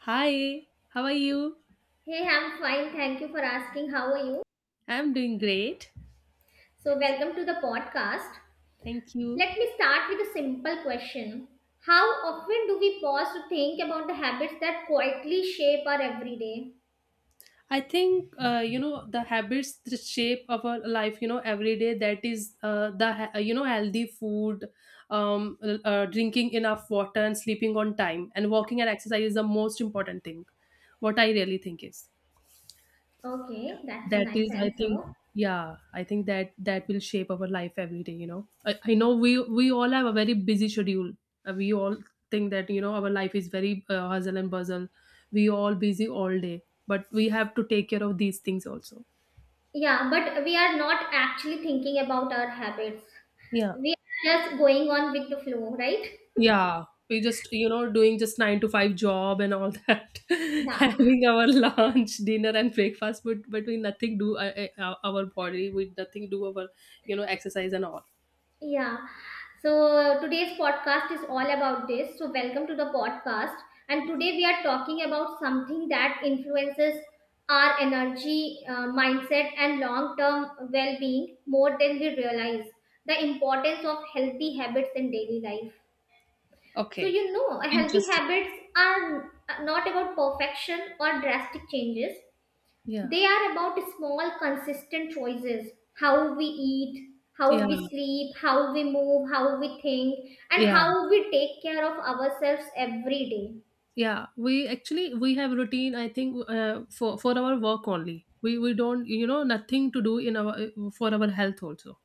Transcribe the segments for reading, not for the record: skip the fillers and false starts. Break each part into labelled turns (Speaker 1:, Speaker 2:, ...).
Speaker 1: Hi, how are you?
Speaker 2: Hey, I'm fine. Thank you for asking. How are you?
Speaker 1: I'm doing great.
Speaker 2: So, welcome to the podcast.
Speaker 1: Thank you.
Speaker 2: Let me start with a simple question. How often do we pause to think about the habits that quietly shape our everyday?
Speaker 1: I think the habits the shape of our life, every day, that is the healthy food, drinking enough water and sleeping on time and walking and exercise is the most important thing. What I really think is.
Speaker 2: Okay, that's a
Speaker 1: That
Speaker 2: nice
Speaker 1: is I think.
Speaker 2: answer.
Speaker 1: Yeah i think that will shape our life every day, I know we all have a very busy schedule. We all think that our life is very hustle and bustle. We all busy all day, but we have to take care of these things also.
Speaker 2: Yeah, but we are not actually thinking about our habits.
Speaker 1: Yeah.
Speaker 2: We are just going on with the flow, right?
Speaker 1: Yeah we just, doing just 9 to 5 job and all that,
Speaker 2: Yeah.
Speaker 1: having our lunch, dinner and breakfast, but we nothing do, our body, we nothing do our, exercise and all.
Speaker 2: Yeah. So today's podcast is all about this. So welcome to the podcast. And today we are talking about something that influences our energy, mindset, and long term well being more than we realize, the importance of healthy habits in daily life. So,
Speaker 1: Okay.
Speaker 2: you know, healthy
Speaker 1: Interesting.
Speaker 2: habits are not about perfection or drastic changes,
Speaker 1: Yeah.
Speaker 2: they are about small, consistent choices: how we eat, how
Speaker 1: Yeah,
Speaker 2: we sleep, how we move, how we think, and
Speaker 1: yeah,
Speaker 2: how we take care of ourselves every day.
Speaker 1: yeah. We have routine. I think for our work only. We don't, nothing to do in our, for our health also.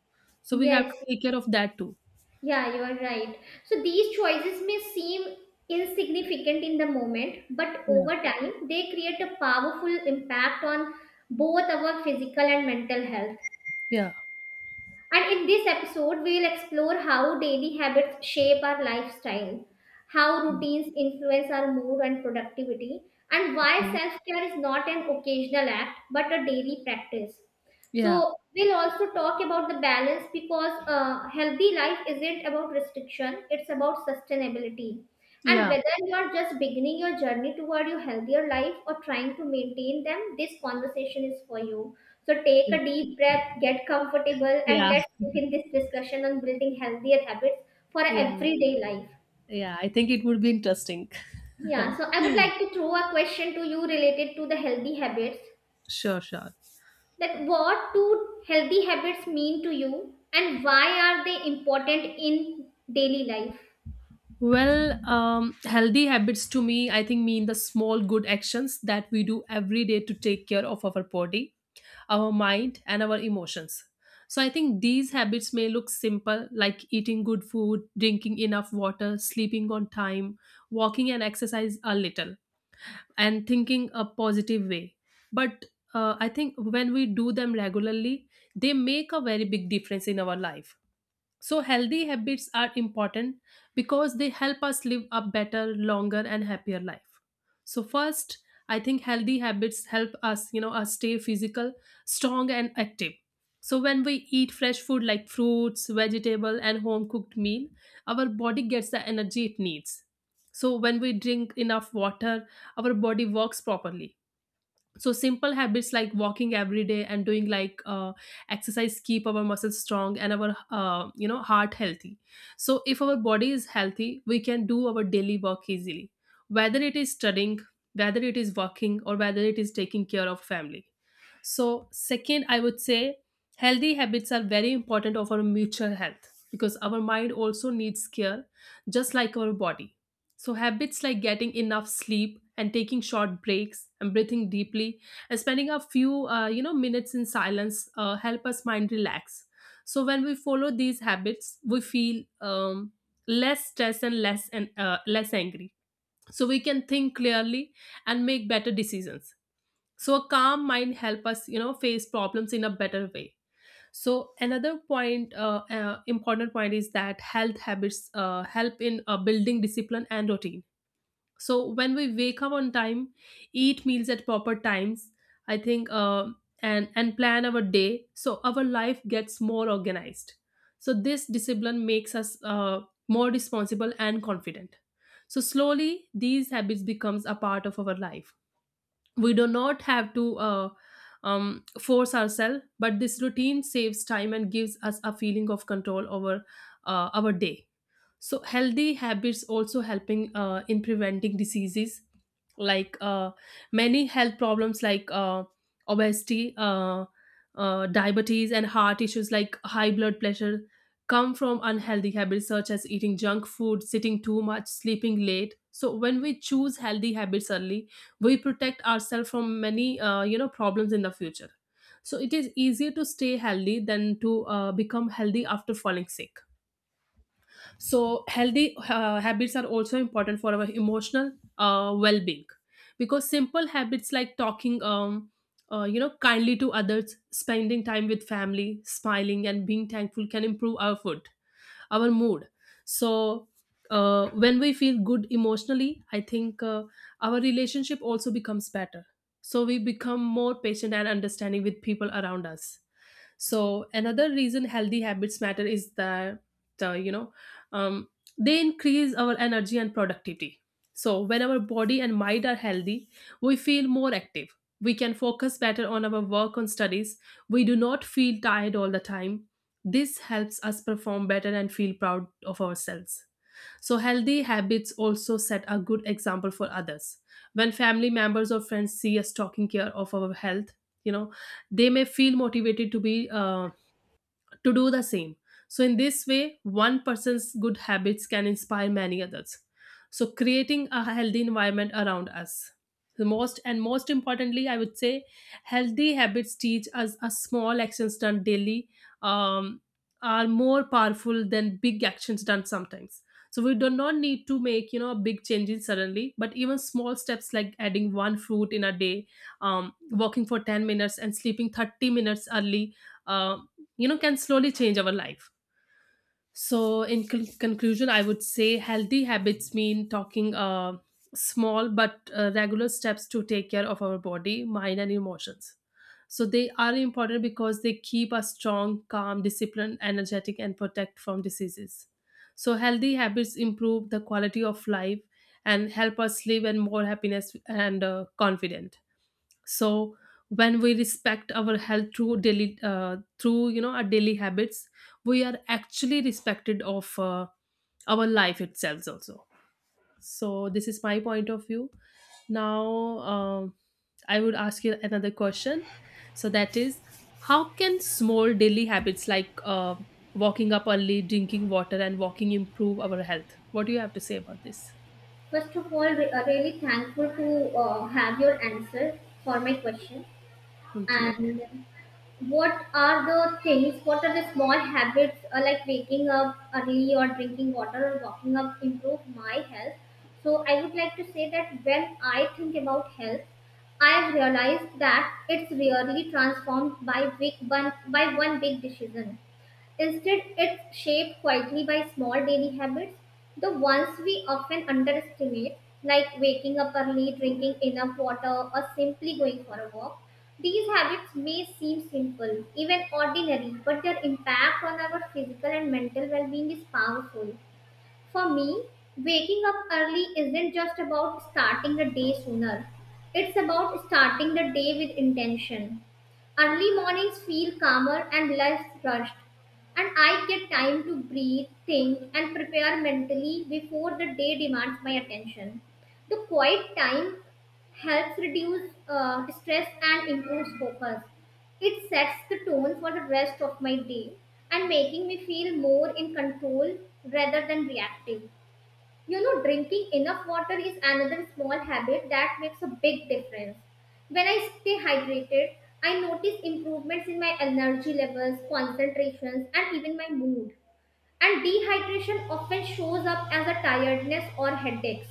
Speaker 1: So we have
Speaker 2: Yes,
Speaker 1: to take care of that too.
Speaker 2: yeah, you are right. So these choices may seem insignificant in the moment, but
Speaker 1: Yeah,
Speaker 2: over time they create a powerful impact on both our physical and mental health.
Speaker 1: yeah.
Speaker 2: And in this episode, we will explore how daily habits shape our lifestyle, how
Speaker 1: Mm.
Speaker 2: routines influence our mood and productivity, and why self care is not an occasional act but a daily practice.
Speaker 1: Yeah,
Speaker 2: So we'll also talk about the balance, because healthy life isn't about restriction, it's about sustainability. And
Speaker 1: yeah,
Speaker 2: whether you are just beginning your journey toward your healthier life or trying to maintain them, this conversation is for you. So take a deep breath, get comfortable, and
Speaker 1: yeah,
Speaker 2: let's begin this discussion on building healthier habits for
Speaker 1: yeah,
Speaker 2: everyday life.
Speaker 1: yeah. I think it would be interesting.
Speaker 2: Yeah, so I would like to throw a question to you related to the healthy habits.
Speaker 1: Sure, sure.
Speaker 2: That what do healthy habits mean to you, and why are they important in daily life?
Speaker 1: Well, healthy habits to me, I think, mean the small good actions that we do every day to take care of our body, our mind, and our emotions. So I think these habits may look simple, like eating good food, drinking enough water, sleeping on time, walking and exercise a little, and thinking a positive way. But I think when we do them regularly, they make a very big difference in our life. So healthy habits are important because they help us live a better, longer, and happier life. So, first, I think healthy habits help us, us stay physical, strong, and active. So when we eat fresh food like fruits, vegetable, and home cooked meal, our body gets the energy it needs. So when we drink enough water, our body works properly. So simple habits like walking every day and doing like, exercise, keep our muscles strong and our, heart healthy. So if our body is healthy, we can do our daily work easily, whether it is studying, whether it is working, or whether it is taking care of family. So, second, I would say healthy habits are very important of our mutual health, because our mind also needs care just like our body. So habits like getting enough sleep and taking short breaks and breathing deeply and spending a few, minutes in silence help us mind relax. So when we follow these habits, we feel, less stress and less, and less angry. So we can think clearly and make better decisions. So a calm mind help us, face problems in a better way. So another point, important point, is that health habits help in building discipline and routine. So when we wake up on time, eat meals at proper times, I think and plan our day, so our life gets more organized. So this discipline makes us, more responsible and confident. So slowly these habits becomes a part of our life. We do not have to, force ourselves, but this routine saves time and gives us a feeling of control over, our day. So healthy habits also helping in preventing diseases, like, many health problems like, obesity, diabetes, and heart issues like high blood pressure come from unhealthy habits such as eating junk food, sitting too much, sleeping late. So when we choose healthy habits early, we protect ourselves from many, problems in the future. So it is easier to stay healthy than to, become healthy after falling sick. So healthy, habits are also important for our emotional, well-being, because simple habits like talking, kindly to others, spending time with family, smiling, and being thankful can improve our food, our mood. So, when we feel good emotionally, I think our relationship also becomes better. So we become more patient and understanding with people around us. So another reason healthy habits matter is that, uh, you know um, they increase our energy and productivity. So when our body and mind are healthy, we feel more active. We can focus better on our work, on studies. We do not feel tired all the time. This helps us perform better and feel proud of ourselves. So healthy habits also set a good example for others. When family members or friends see us taking care of our health, you know, they may feel motivated to be, to do the same. So in this way, one person's good habits can inspire many others. So creating a healthy environment around us. The most and most importantly, I would say healthy habits teach us a small actions done daily, um, are more powerful than big actions done sometimes. So we do not need to make, big changes suddenly, but even small steps like adding one fruit in a day, walking for 10 minutes, and sleeping 30 minutes early, uh, can slowly change our life. So in conclusion, I would say healthy habits mean talking, small but, regular steps to take care of our body, mind, and emotions. So they are important because they keep us strong, calm, disciplined, energetic, and protect from diseases. So healthy habits improve the quality of life and help us live in more happiness and, confident. So when we respect our health through daily, through you know our daily habits, we are actually respected of, our life itself also. So this is my point of view. Now, um, I would ask you another question. So that is, how can small daily habits like, walking up early, drinking water, and walking improve our health? What do you have to say about this?
Speaker 2: First of all, we are really thankful to have your answer for my question.
Speaker 1: Thank you.
Speaker 2: And what are the things, what are the small habits like waking up early or drinking water or walking up improve my health? So I would like to say that when I think about health, I've realized that it's really transformed by big, one by one big decision. Instead, it's shaped quietly by small daily habits, the ones we often underestimate, like waking up early, drinking enough water, or simply going for a walk. These habits may seem simple, even ordinary, but their impact on our physical and mental well being is powerful. For me, waking up early isn't just about starting the day sooner, it's about starting the day with intention. Early mornings feel calmer and less rushed, and I get time to breathe, think, and prepare mentally before the day demands my attention. The quiet time helps reduce stress and improves focus. It sets the tone for the rest of my day and making me feel more in control rather than reactive. You know, drinking enough water is another small habit that makes a big difference. When I stay hydrated, I notice improvements in my energy levels, concentrations, and even my mood. And dehydration often shows up as a tiredness or headaches,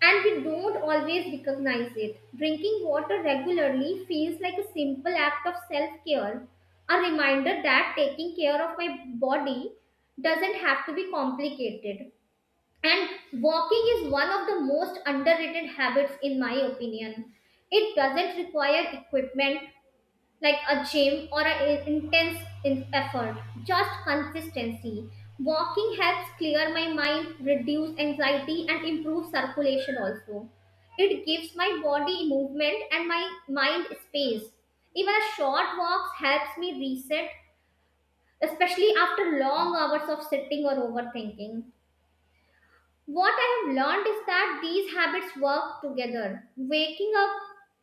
Speaker 2: and we don't always recognize it. Drinking water regularly feels like a simple act of self care, a reminder that taking care of my body doesn't have to be complicated. And walking is one of the most underrated habits, in my opinion. It doesn't require equipment, like a gym or an intense effort, just consistency. Walking helps clear my mind, reduce anxiety, and improve circulation also. It gives my body movement and my mind space. Even a short walks helps me reset, especially after long hours of sitting or overthinking. What I have learned is that these habits work together. Waking up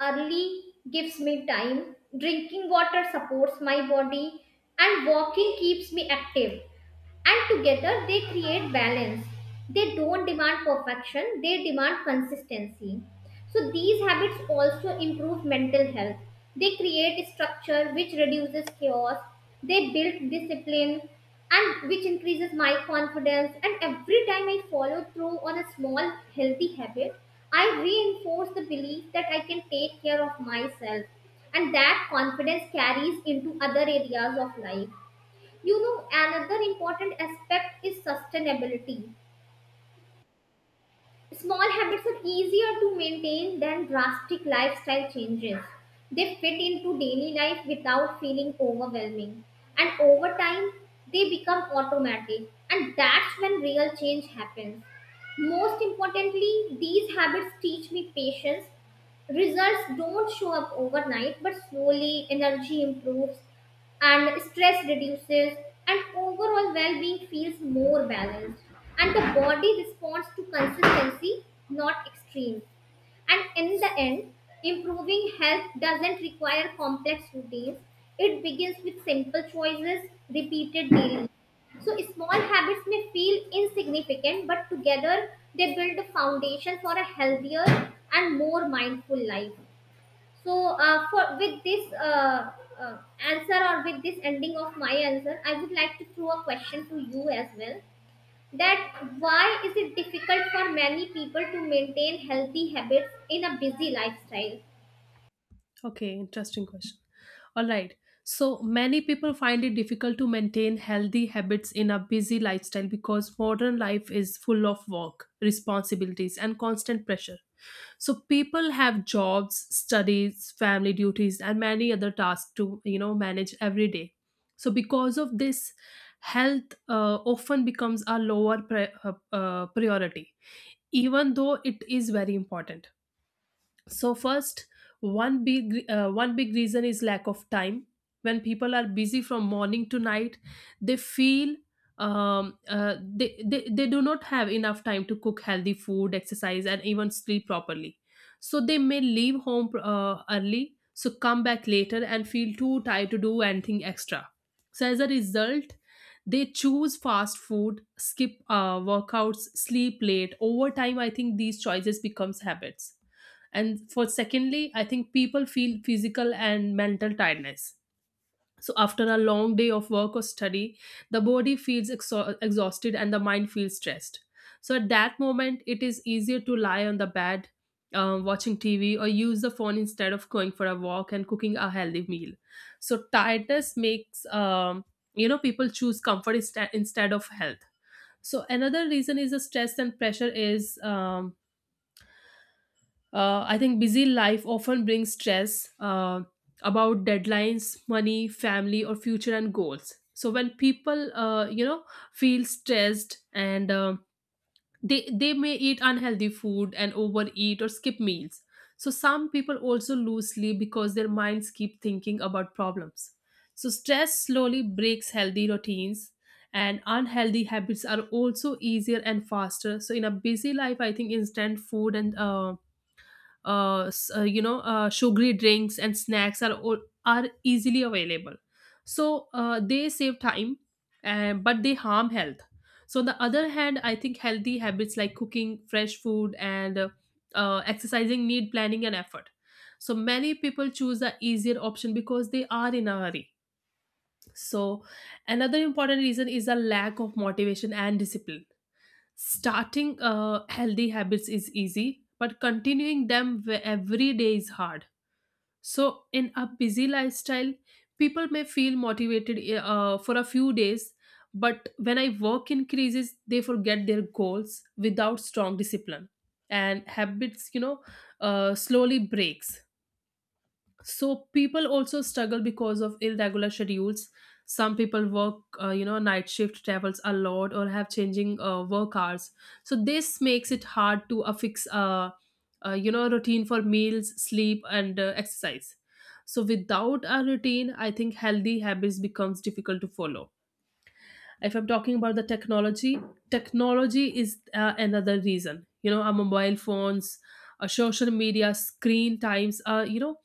Speaker 2: early gives me time, drinking water supports my body, and walking keeps me active, and together they create balance. They don't demand perfection, they demand consistency. So these habits also improve mental health. They create structure, which reduces chaos. They build discipline, and which increases my confidence. And every time I follow through on a small healthy habit, I reinforce the belief that I can take care of myself, and that confidence carries into other areas of life. You know, another important aspect is sustainability. Small habits are easier to maintain than drastic lifestyle changes. They fit into daily life without feeling overwhelming. And over time, they become automatic, and that's when real change happens. Most importantly, these habits teach me patience. Results don't show up overnight, but slowly energy improves, and stress reduces, and overall well-being feels more balanced, and the body responds to consistency, not extreme. And in the end, improving health doesn't require complex routines, it begins with simple choices repeated daily. So small habits may feel insignificant, but together they build a foundation for a healthier and more mindful life. So, for with this answer, or with this ending of my answer, I would like to throw a question to you as well. That why is it difficult for many people to maintain healthy habits in a busy lifestyle?
Speaker 1: Okay, interesting question. All right. So many people find it difficult to maintain healthy habits in a busy lifestyle because modern life is full of work, responsibilities, and constant pressure. So people have jobs, studies, family duties, and many other tasks to, manage every day. So because of this, health often becomes a lower priority, even though it is very important. So, first, one big, one big reason is lack of time. When people are busy from morning to night, they feel, they do not have enough time to cook healthy food, exercise, and even sleep properly. So they may leave home, early, so come back later and feel too tired to do anything extra. So, as a result, they choose fast food, skip, workouts, sleep late. Over time, I think these choices becomes habits. And for secondly, I think people feel physical and mental tiredness. So after a long day of work or study, the body feels exhausted and the mind feels stressed. So at that moment it is easier to lie on the bed, watching tv or use the phone instead of going for a walk and cooking a healthy meal. So tiredness makes, people choose comfort instead of health. So another reason is the stress and pressure is, I think busy life often brings stress about deadlines, money, family, or future and goals. So when people, feel stressed and, they may eat unhealthy food and overeat or skip meals. So some people also lose sleep because their minds keep thinking about problems. So stress slowly breaks healthy routines, and unhealthy habits are also easier and faster. So in a busy life, I think instant food and, sugary drinks and snacks are all, are easily available. So, they save time, but they harm health. So on the other hand, I think healthy habits like cooking fresh food and, exercising need planning and effort. So many people choose the easier option because they are in a hurry. So another important reason is a lack of motivation and discipline. Starting, healthy habits is easy, but continuing them every day is hard. So, in a busy lifestyle, people may feel motivated, for a few days, but when I work increases, they forget their goals without strong discipline. And habits, slowly breaks, so people also struggle because of irregular schedules. Some people work night shift, travels a lot, or have changing work hours, so this makes it hard to affix a routine for meals, sleep, and exercise. So without a routine, I think healthy habits becomes difficult to follow. If I'm talking about the technology, technology is another reason. You know, our mobile phones, social media, screen times,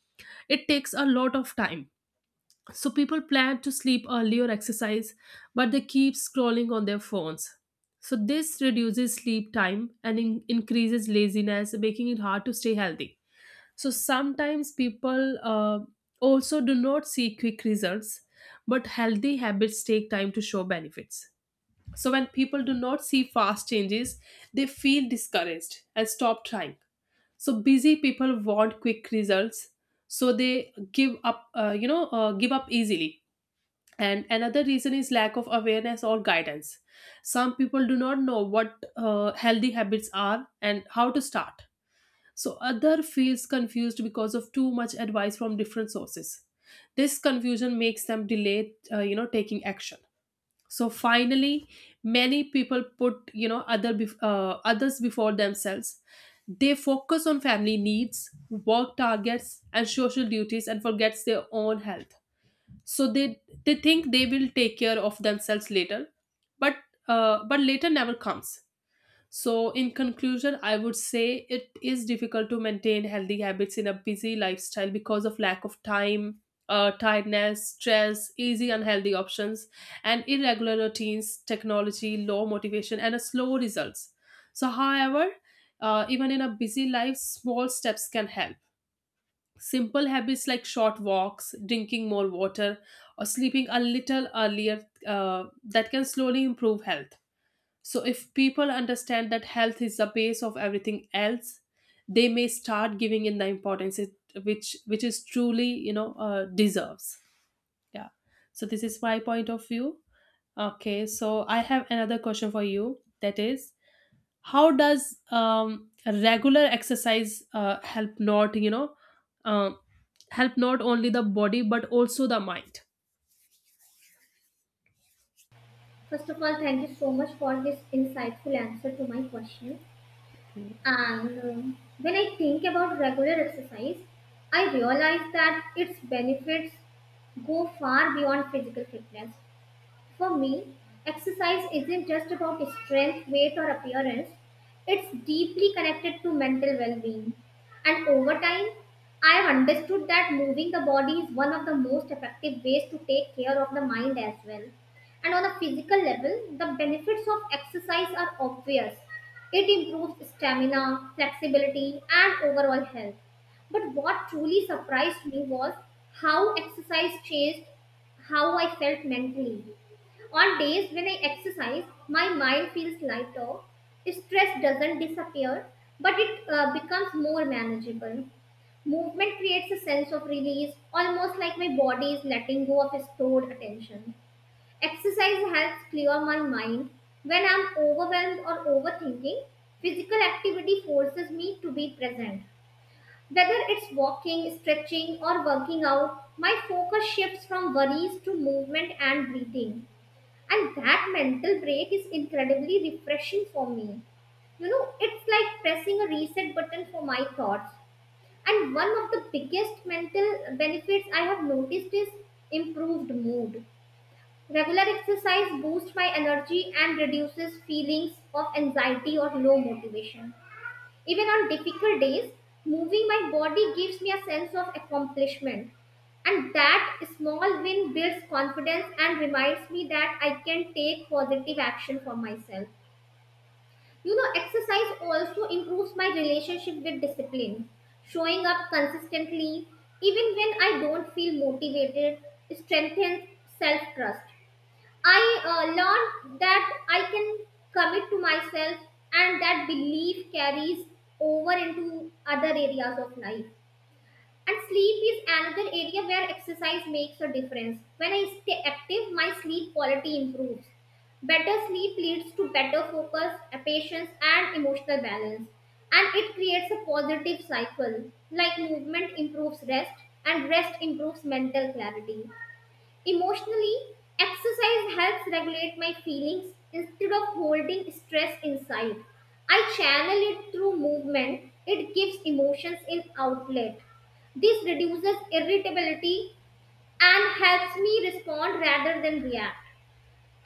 Speaker 1: it takes a lot of time. So people plan to sleep early or exercise, but they keep scrolling on their phones. So this reduces sleep time and increases laziness, making it hard to stay healthy. So sometimes people also do not see quick results, but healthy habits take time to show benefits. So when people do not see fast changes, they feel discouraged and stop trying. So busy people want quick results, so they give up. Give up easily. And another reason is lack of awareness or guidance. Some people do not know what healthy habits are and how to start. So other feels confused because of too much advice from different sources. This confusion makes them delay, taking action. So finally, many people put others before themselves. They focus on family needs, work targets, and social duties, and forgets their own health. So they think they will take care of themselves later, but but later never comes. So, in conclusion, I would say it is difficult to maintain healthy habits in a busy lifestyle because of lack of time, tiredness, stress, easy unhealthy options, and irregular routines, technology, low motivation, and a slow results. So, however, even in a busy life, small steps can help. Simple habits like short walks, drinking more water, or sleeping a little earlier, that can slowly improve health. So, if people understand that health is the base of everything else, they may start giving in the importance it, which is truly deserves. Yeah. So this is my point of view. Okay. So I have another question for you. That is, how does regular exercise help, not you know um, help not only the body but also the mind?
Speaker 2: First of all, thank you so much for this insightful answer to my question. And when I think about regular exercise, I realize that its benefits go far beyond physical fitness. For me, exercise isn't just about strength, weight, or appearance, it's deeply connected to mental well being. And over time, I've understood that moving the body is one of the most effective ways to take care of the mind as well. And on a physical level, the benefits of exercise are obvious. It improves stamina, flexibility, and overall health. But what truly surprised me was how exercise changed how I felt mentally. On days when I exercise, my mind feels lighter. Stress doesn't disappear, but it becomes more manageable. Movement creates a sense of release, almost like my body is letting go of stored attention. Exercise helps clear my mind. When I'm overwhelmed or overthinking, physical activity forces me to be present. Whether it's walking, stretching, or working out, my focus shifts from worries to movement and breathing, and that mental break is incredibly refreshing for me. You know, it's like pressing a reset button for my thoughts. And one of the biggest mental benefits I have noticed is improved mood. Regular exercise boosts my energy and reduces feelings of anxiety or low motivation. Even on difficult days, moving my body gives me a sense of accomplishment, and that small win builds confidence and reminds me that I can take positive action for myself. You know, exercise also improves my relationship with discipline. Showing up consistently, even when I don't feel motivated, strengthens self trust. I learned that I can commit to myself, and that belief carries over into other areas of life. And sleep is another area where exercise makes a difference. When I stay active, my sleep quality improves. Better sleep leads to better focus, patience, and emotional balance. And it creates a positive cycle, like movement improves rest, and rest improves mental clarity. Emotionally, exercise helps regulate my feelings. Instead of holding stress inside, I channel it through movement, it gives emotions an outlet. This reduces irritability and helps me respond rather than react.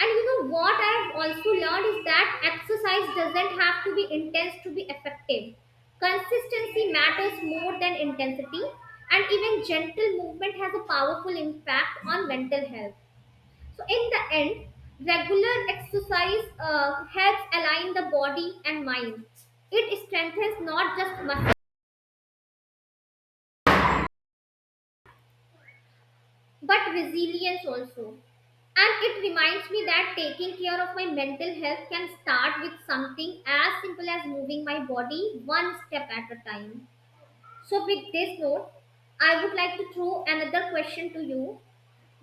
Speaker 2: And you know what, I've also learned is that exercise doesn't have to be intense to be effective. Consistency matters more than intensity, and even gentle movement has a powerful impact on mental health. So, in the end, regular exercise helps align the body and mind. It strengthens not just muscle but resilience also. And it reminds me that taking care of my mental health can start with something as simple as moving my body, one step at a time. So, with this note, I would like to throw another question to you,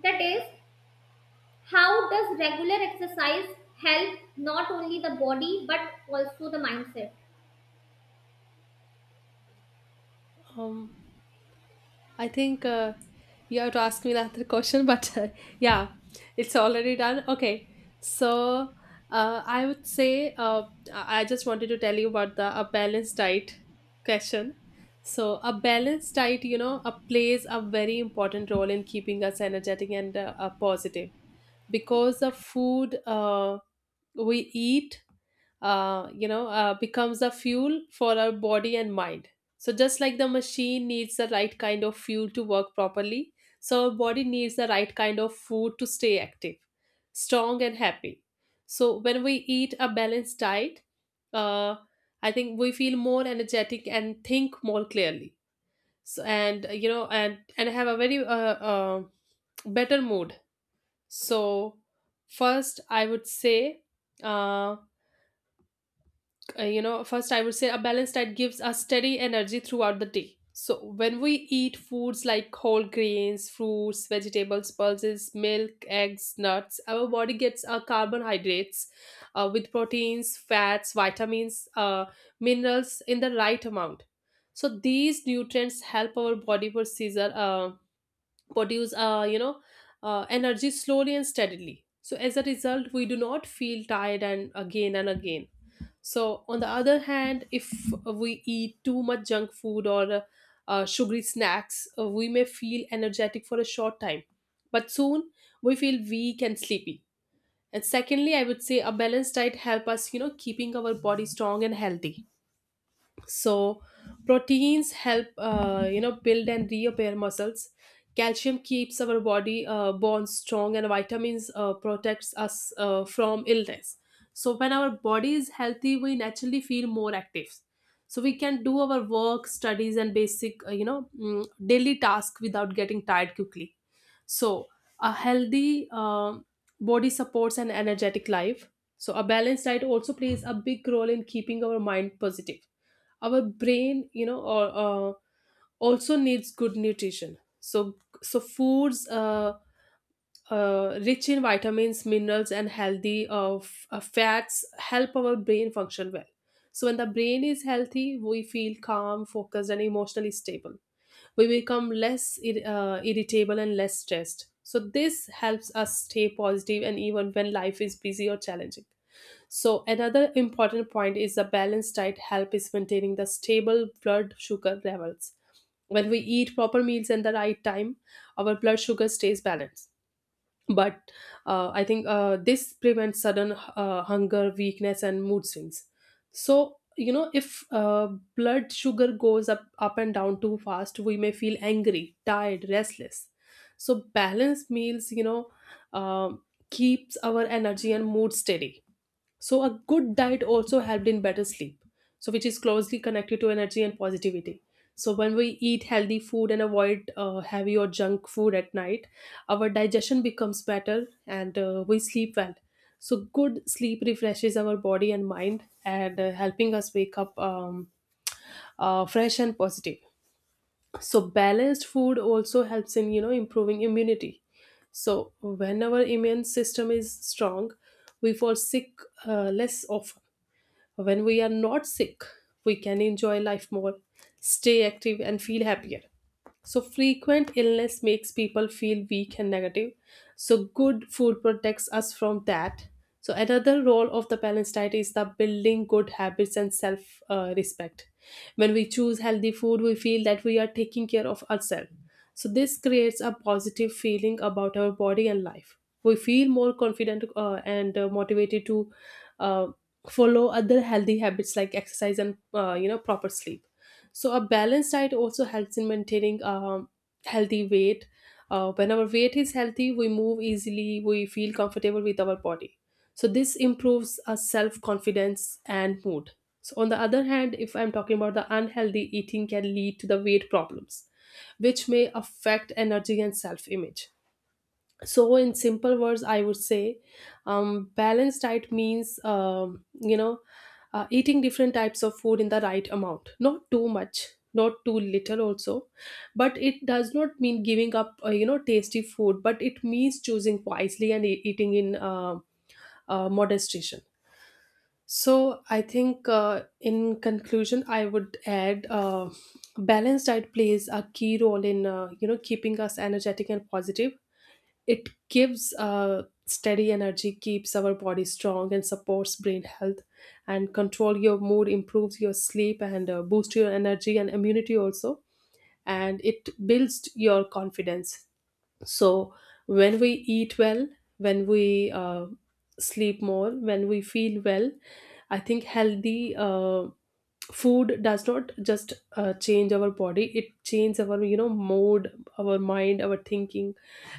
Speaker 2: that is, how does regular exercise help not only the body but also the mindset?
Speaker 1: Um, I think you have to ask me another question, but yeah, it's already done. Okay, so I would say I just wanted to tell you about the a balanced diet question. So a balanced diet, plays a very important role in keeping us energetic and positive because the food. We eat becomes a fuel for our body and mind. So just like the machine needs the right kind of fuel to work properly, so our body needs the right kind of food to stay active, strong, and happy. So when we eat a balanced diet, uh, I think we feel more energetic and think more clearly. So, and you know and have a very better mood. So, first I would say, uh, a balanced diet gives us steady energy throughout the day. So when we eat foods like whole grains, fruits, vegetables, pulses, milk, eggs, nuts, our body gets our carbohydrates with proteins, fats, vitamins, minerals in the right amount. So these nutrients help our body produce energy slowly and steadily, so as a result we do not feel tired and again and again. So, on the other hand, if we eat too much junk food or sugary snacks, we may feel energetic for a short time, but soon we feel weak and sleepy. And secondly, I would say a balanced diet help us, keeping our body strong and healthy. So proteins help build and repair muscles, calcium keeps our body bones strong, and vitamins protects us from illness. So when our body is healthy, we naturally feel more active. So we can do our work, studies, and basic daily tasks without getting tired quickly. So a healthy body supports an energetic life. So a balanced diet also plays a big role in keeping our mind positive. Our brain, you know or also needs good nutrition. So, so foods rich in vitamins, minerals, and healthy fats help our brain function well. So when the brain is healthy, we feel calm, focused, and emotionally stable. We become less irritable and less stressed. So, this helps us stay positive and even when life is busy or challenging. So another important point is a balanced diet help is maintaining the stable blood sugar levels. When we eat proper meals at the right time, our blood sugar stays balanced, but I think this prevents sudden hunger, weakness, and mood swings. So if blood sugar goes up, up and down too fast, we may feel angry, tired, restless. So balanced meals, um keeps our energy and mood steady. So, a good diet also helped in better sleep, so which is closely connected to energy and positivity. So, when we eat healthy food and avoid heavy or junk food at night, our digestion becomes better and we sleep well. So, good sleep refreshes our body and mind and helping us wake up fresh and positive. So, balanced food also helps in improving immunity. So, when our immune system is strong, we fall sick less often. When we are not sick, we can enjoy life more, stay active, and feel happier. So, frequent illness makes people feel weak and negative. So, good food protects us from that. So, another role of the balanced diet is the building good habits and self respect. When we choose healthy food, we feel that we are taking care of ourselves. So, this creates a positive feeling about our body and life. We feel more confident and motivated to uh, follow other healthy habits like exercise and proper sleep. So a balanced diet also helps in maintaining healthy weight. When our weight is healthy, we move easily, we feel comfortable with our body, so this improves our self confidence and mood. So on the other hand, if I'm talking about the unhealthy eating, can lead to the weight problems which may affect energy and self image. So in simple words, I would say, balanced diet means, eating different types of food in the right amount, not too much, not too little also, but it does not mean giving up tasty food, but it means choosing wisely and eating in moderation. So I think, in conclusion, I would add, balanced diet plays a key role in keeping us energetic and positive. It gives steady energy, keeps our body strong, and supports brain health. And control your mood, improves your sleep, and boosts your energy and immunity also. And it builds your confidence. So when we eat well, when we sleep more, when we feel well, I think healthy food does not just change our body; it changes our mood, our mind, our thinking,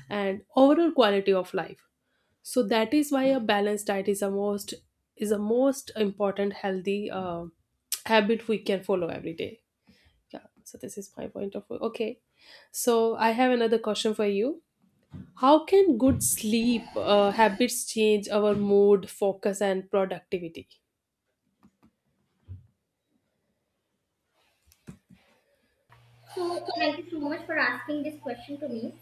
Speaker 1: and overall quality of life. So that is why a balanced diet is a most important healthy habit we can follow every day. Yeah. So this is my point of view. Okay. So I have another question for you. How can good sleep habits change our mood, focus, and productivity?
Speaker 2: So, thank you so much for asking this question to me.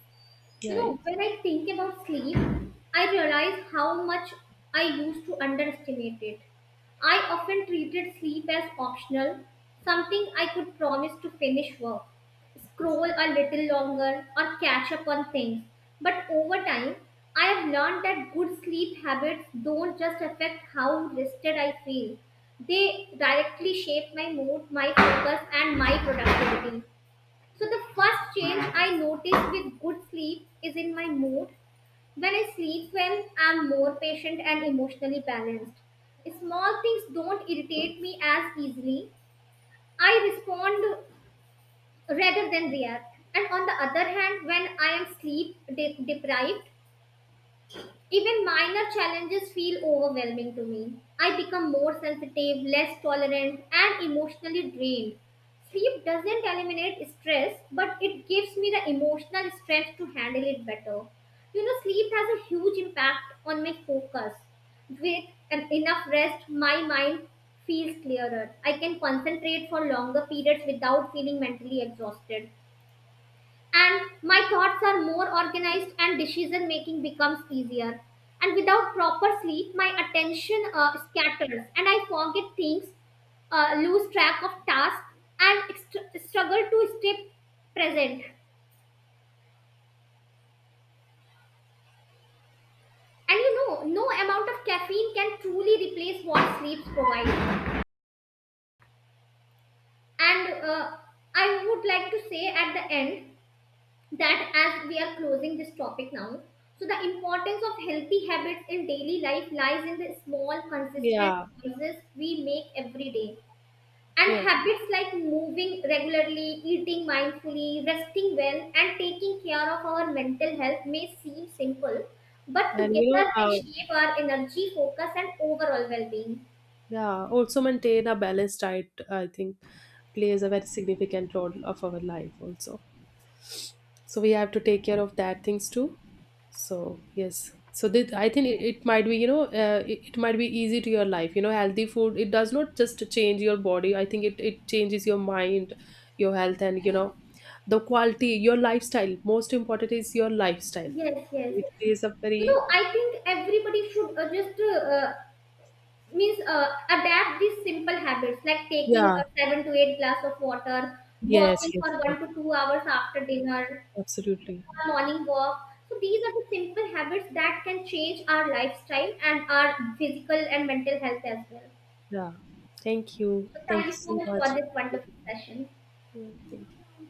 Speaker 2: You know,
Speaker 1: Right.
Speaker 2: when I think about sleep, I realize how much I used to underestimate it. I often treated sleep as optional, something I could promise to finish work, scroll a little longer, or catch up on things. But over time, I have learned that good sleep habits don't just affect how rested I feel, they directly shape my mood, my focus, and my productivity. So the first change I notice with good sleep is in my mood. When I sleep well, I'm more patient and emotionally balanced. Small things don't irritate me as easily. I respond rather than react. And on the other hand, when I am sleep deprived, even minor challenges feel overwhelming to me. I become more sensitive, less tolerant, and emotionally drained. Sleep doesn't eliminate stress, but it gives me the emotional strength to handle it better. You know, sleep has a huge impact on my focus. With an enough rest, my mind feels clearer. I can concentrate for longer periods without feeling mentally exhausted, and my thoughts are more organized, and decision making becomes easier. And without proper sleep my attention scatters, and I forget things, lose track of tasks, and struggle to stay present. And you know, no amount of caffeine can truly replace what sleeps provide. And I would like to say at the end that as we are closing this topic now, so the importance of healthy habits in daily life lies in the small, consistent
Speaker 1: Yeah.
Speaker 2: choices we make every day. And
Speaker 1: Yeah.
Speaker 2: habits like moving regularly, eating mindfully, resting well, and taking care of our mental health may seem simple, but
Speaker 1: And you know
Speaker 2: together they
Speaker 1: how.
Speaker 2: shape our energy, focus, and overall well-being.
Speaker 1: Yeah, also maintain a balanced diet, I think, plays a very significant role of our life also. So we have to take care of that things too. So yes, so that I think it, it might be, it, it might be easy to your life. You know, healthy food, it does not just change your body. I think it changes your mind, your health, and you know the quality your lifestyle. Most important is your lifestyle.
Speaker 2: Yes, yes.
Speaker 1: It plays a
Speaker 2: You
Speaker 1: very,
Speaker 2: know, I think everybody should just means adapt these simple habits, like taking
Speaker 1: yeah,
Speaker 2: a 7 to 8 glass of water,
Speaker 1: yes,
Speaker 2: walking
Speaker 1: yes,
Speaker 2: for
Speaker 1: yes,
Speaker 2: 1 to 2 hours after dinner,
Speaker 1: absolutely.
Speaker 2: a morning walk. So these are the simple habits that can change our lifestyle and our physical and mental health as well.
Speaker 1: Yeah. Thank you.
Speaker 2: So thank
Speaker 1: Thank you
Speaker 2: you so
Speaker 1: so
Speaker 2: much for
Speaker 1: much.
Speaker 2: this wonderful session.
Speaker 1: Yeah, thank you.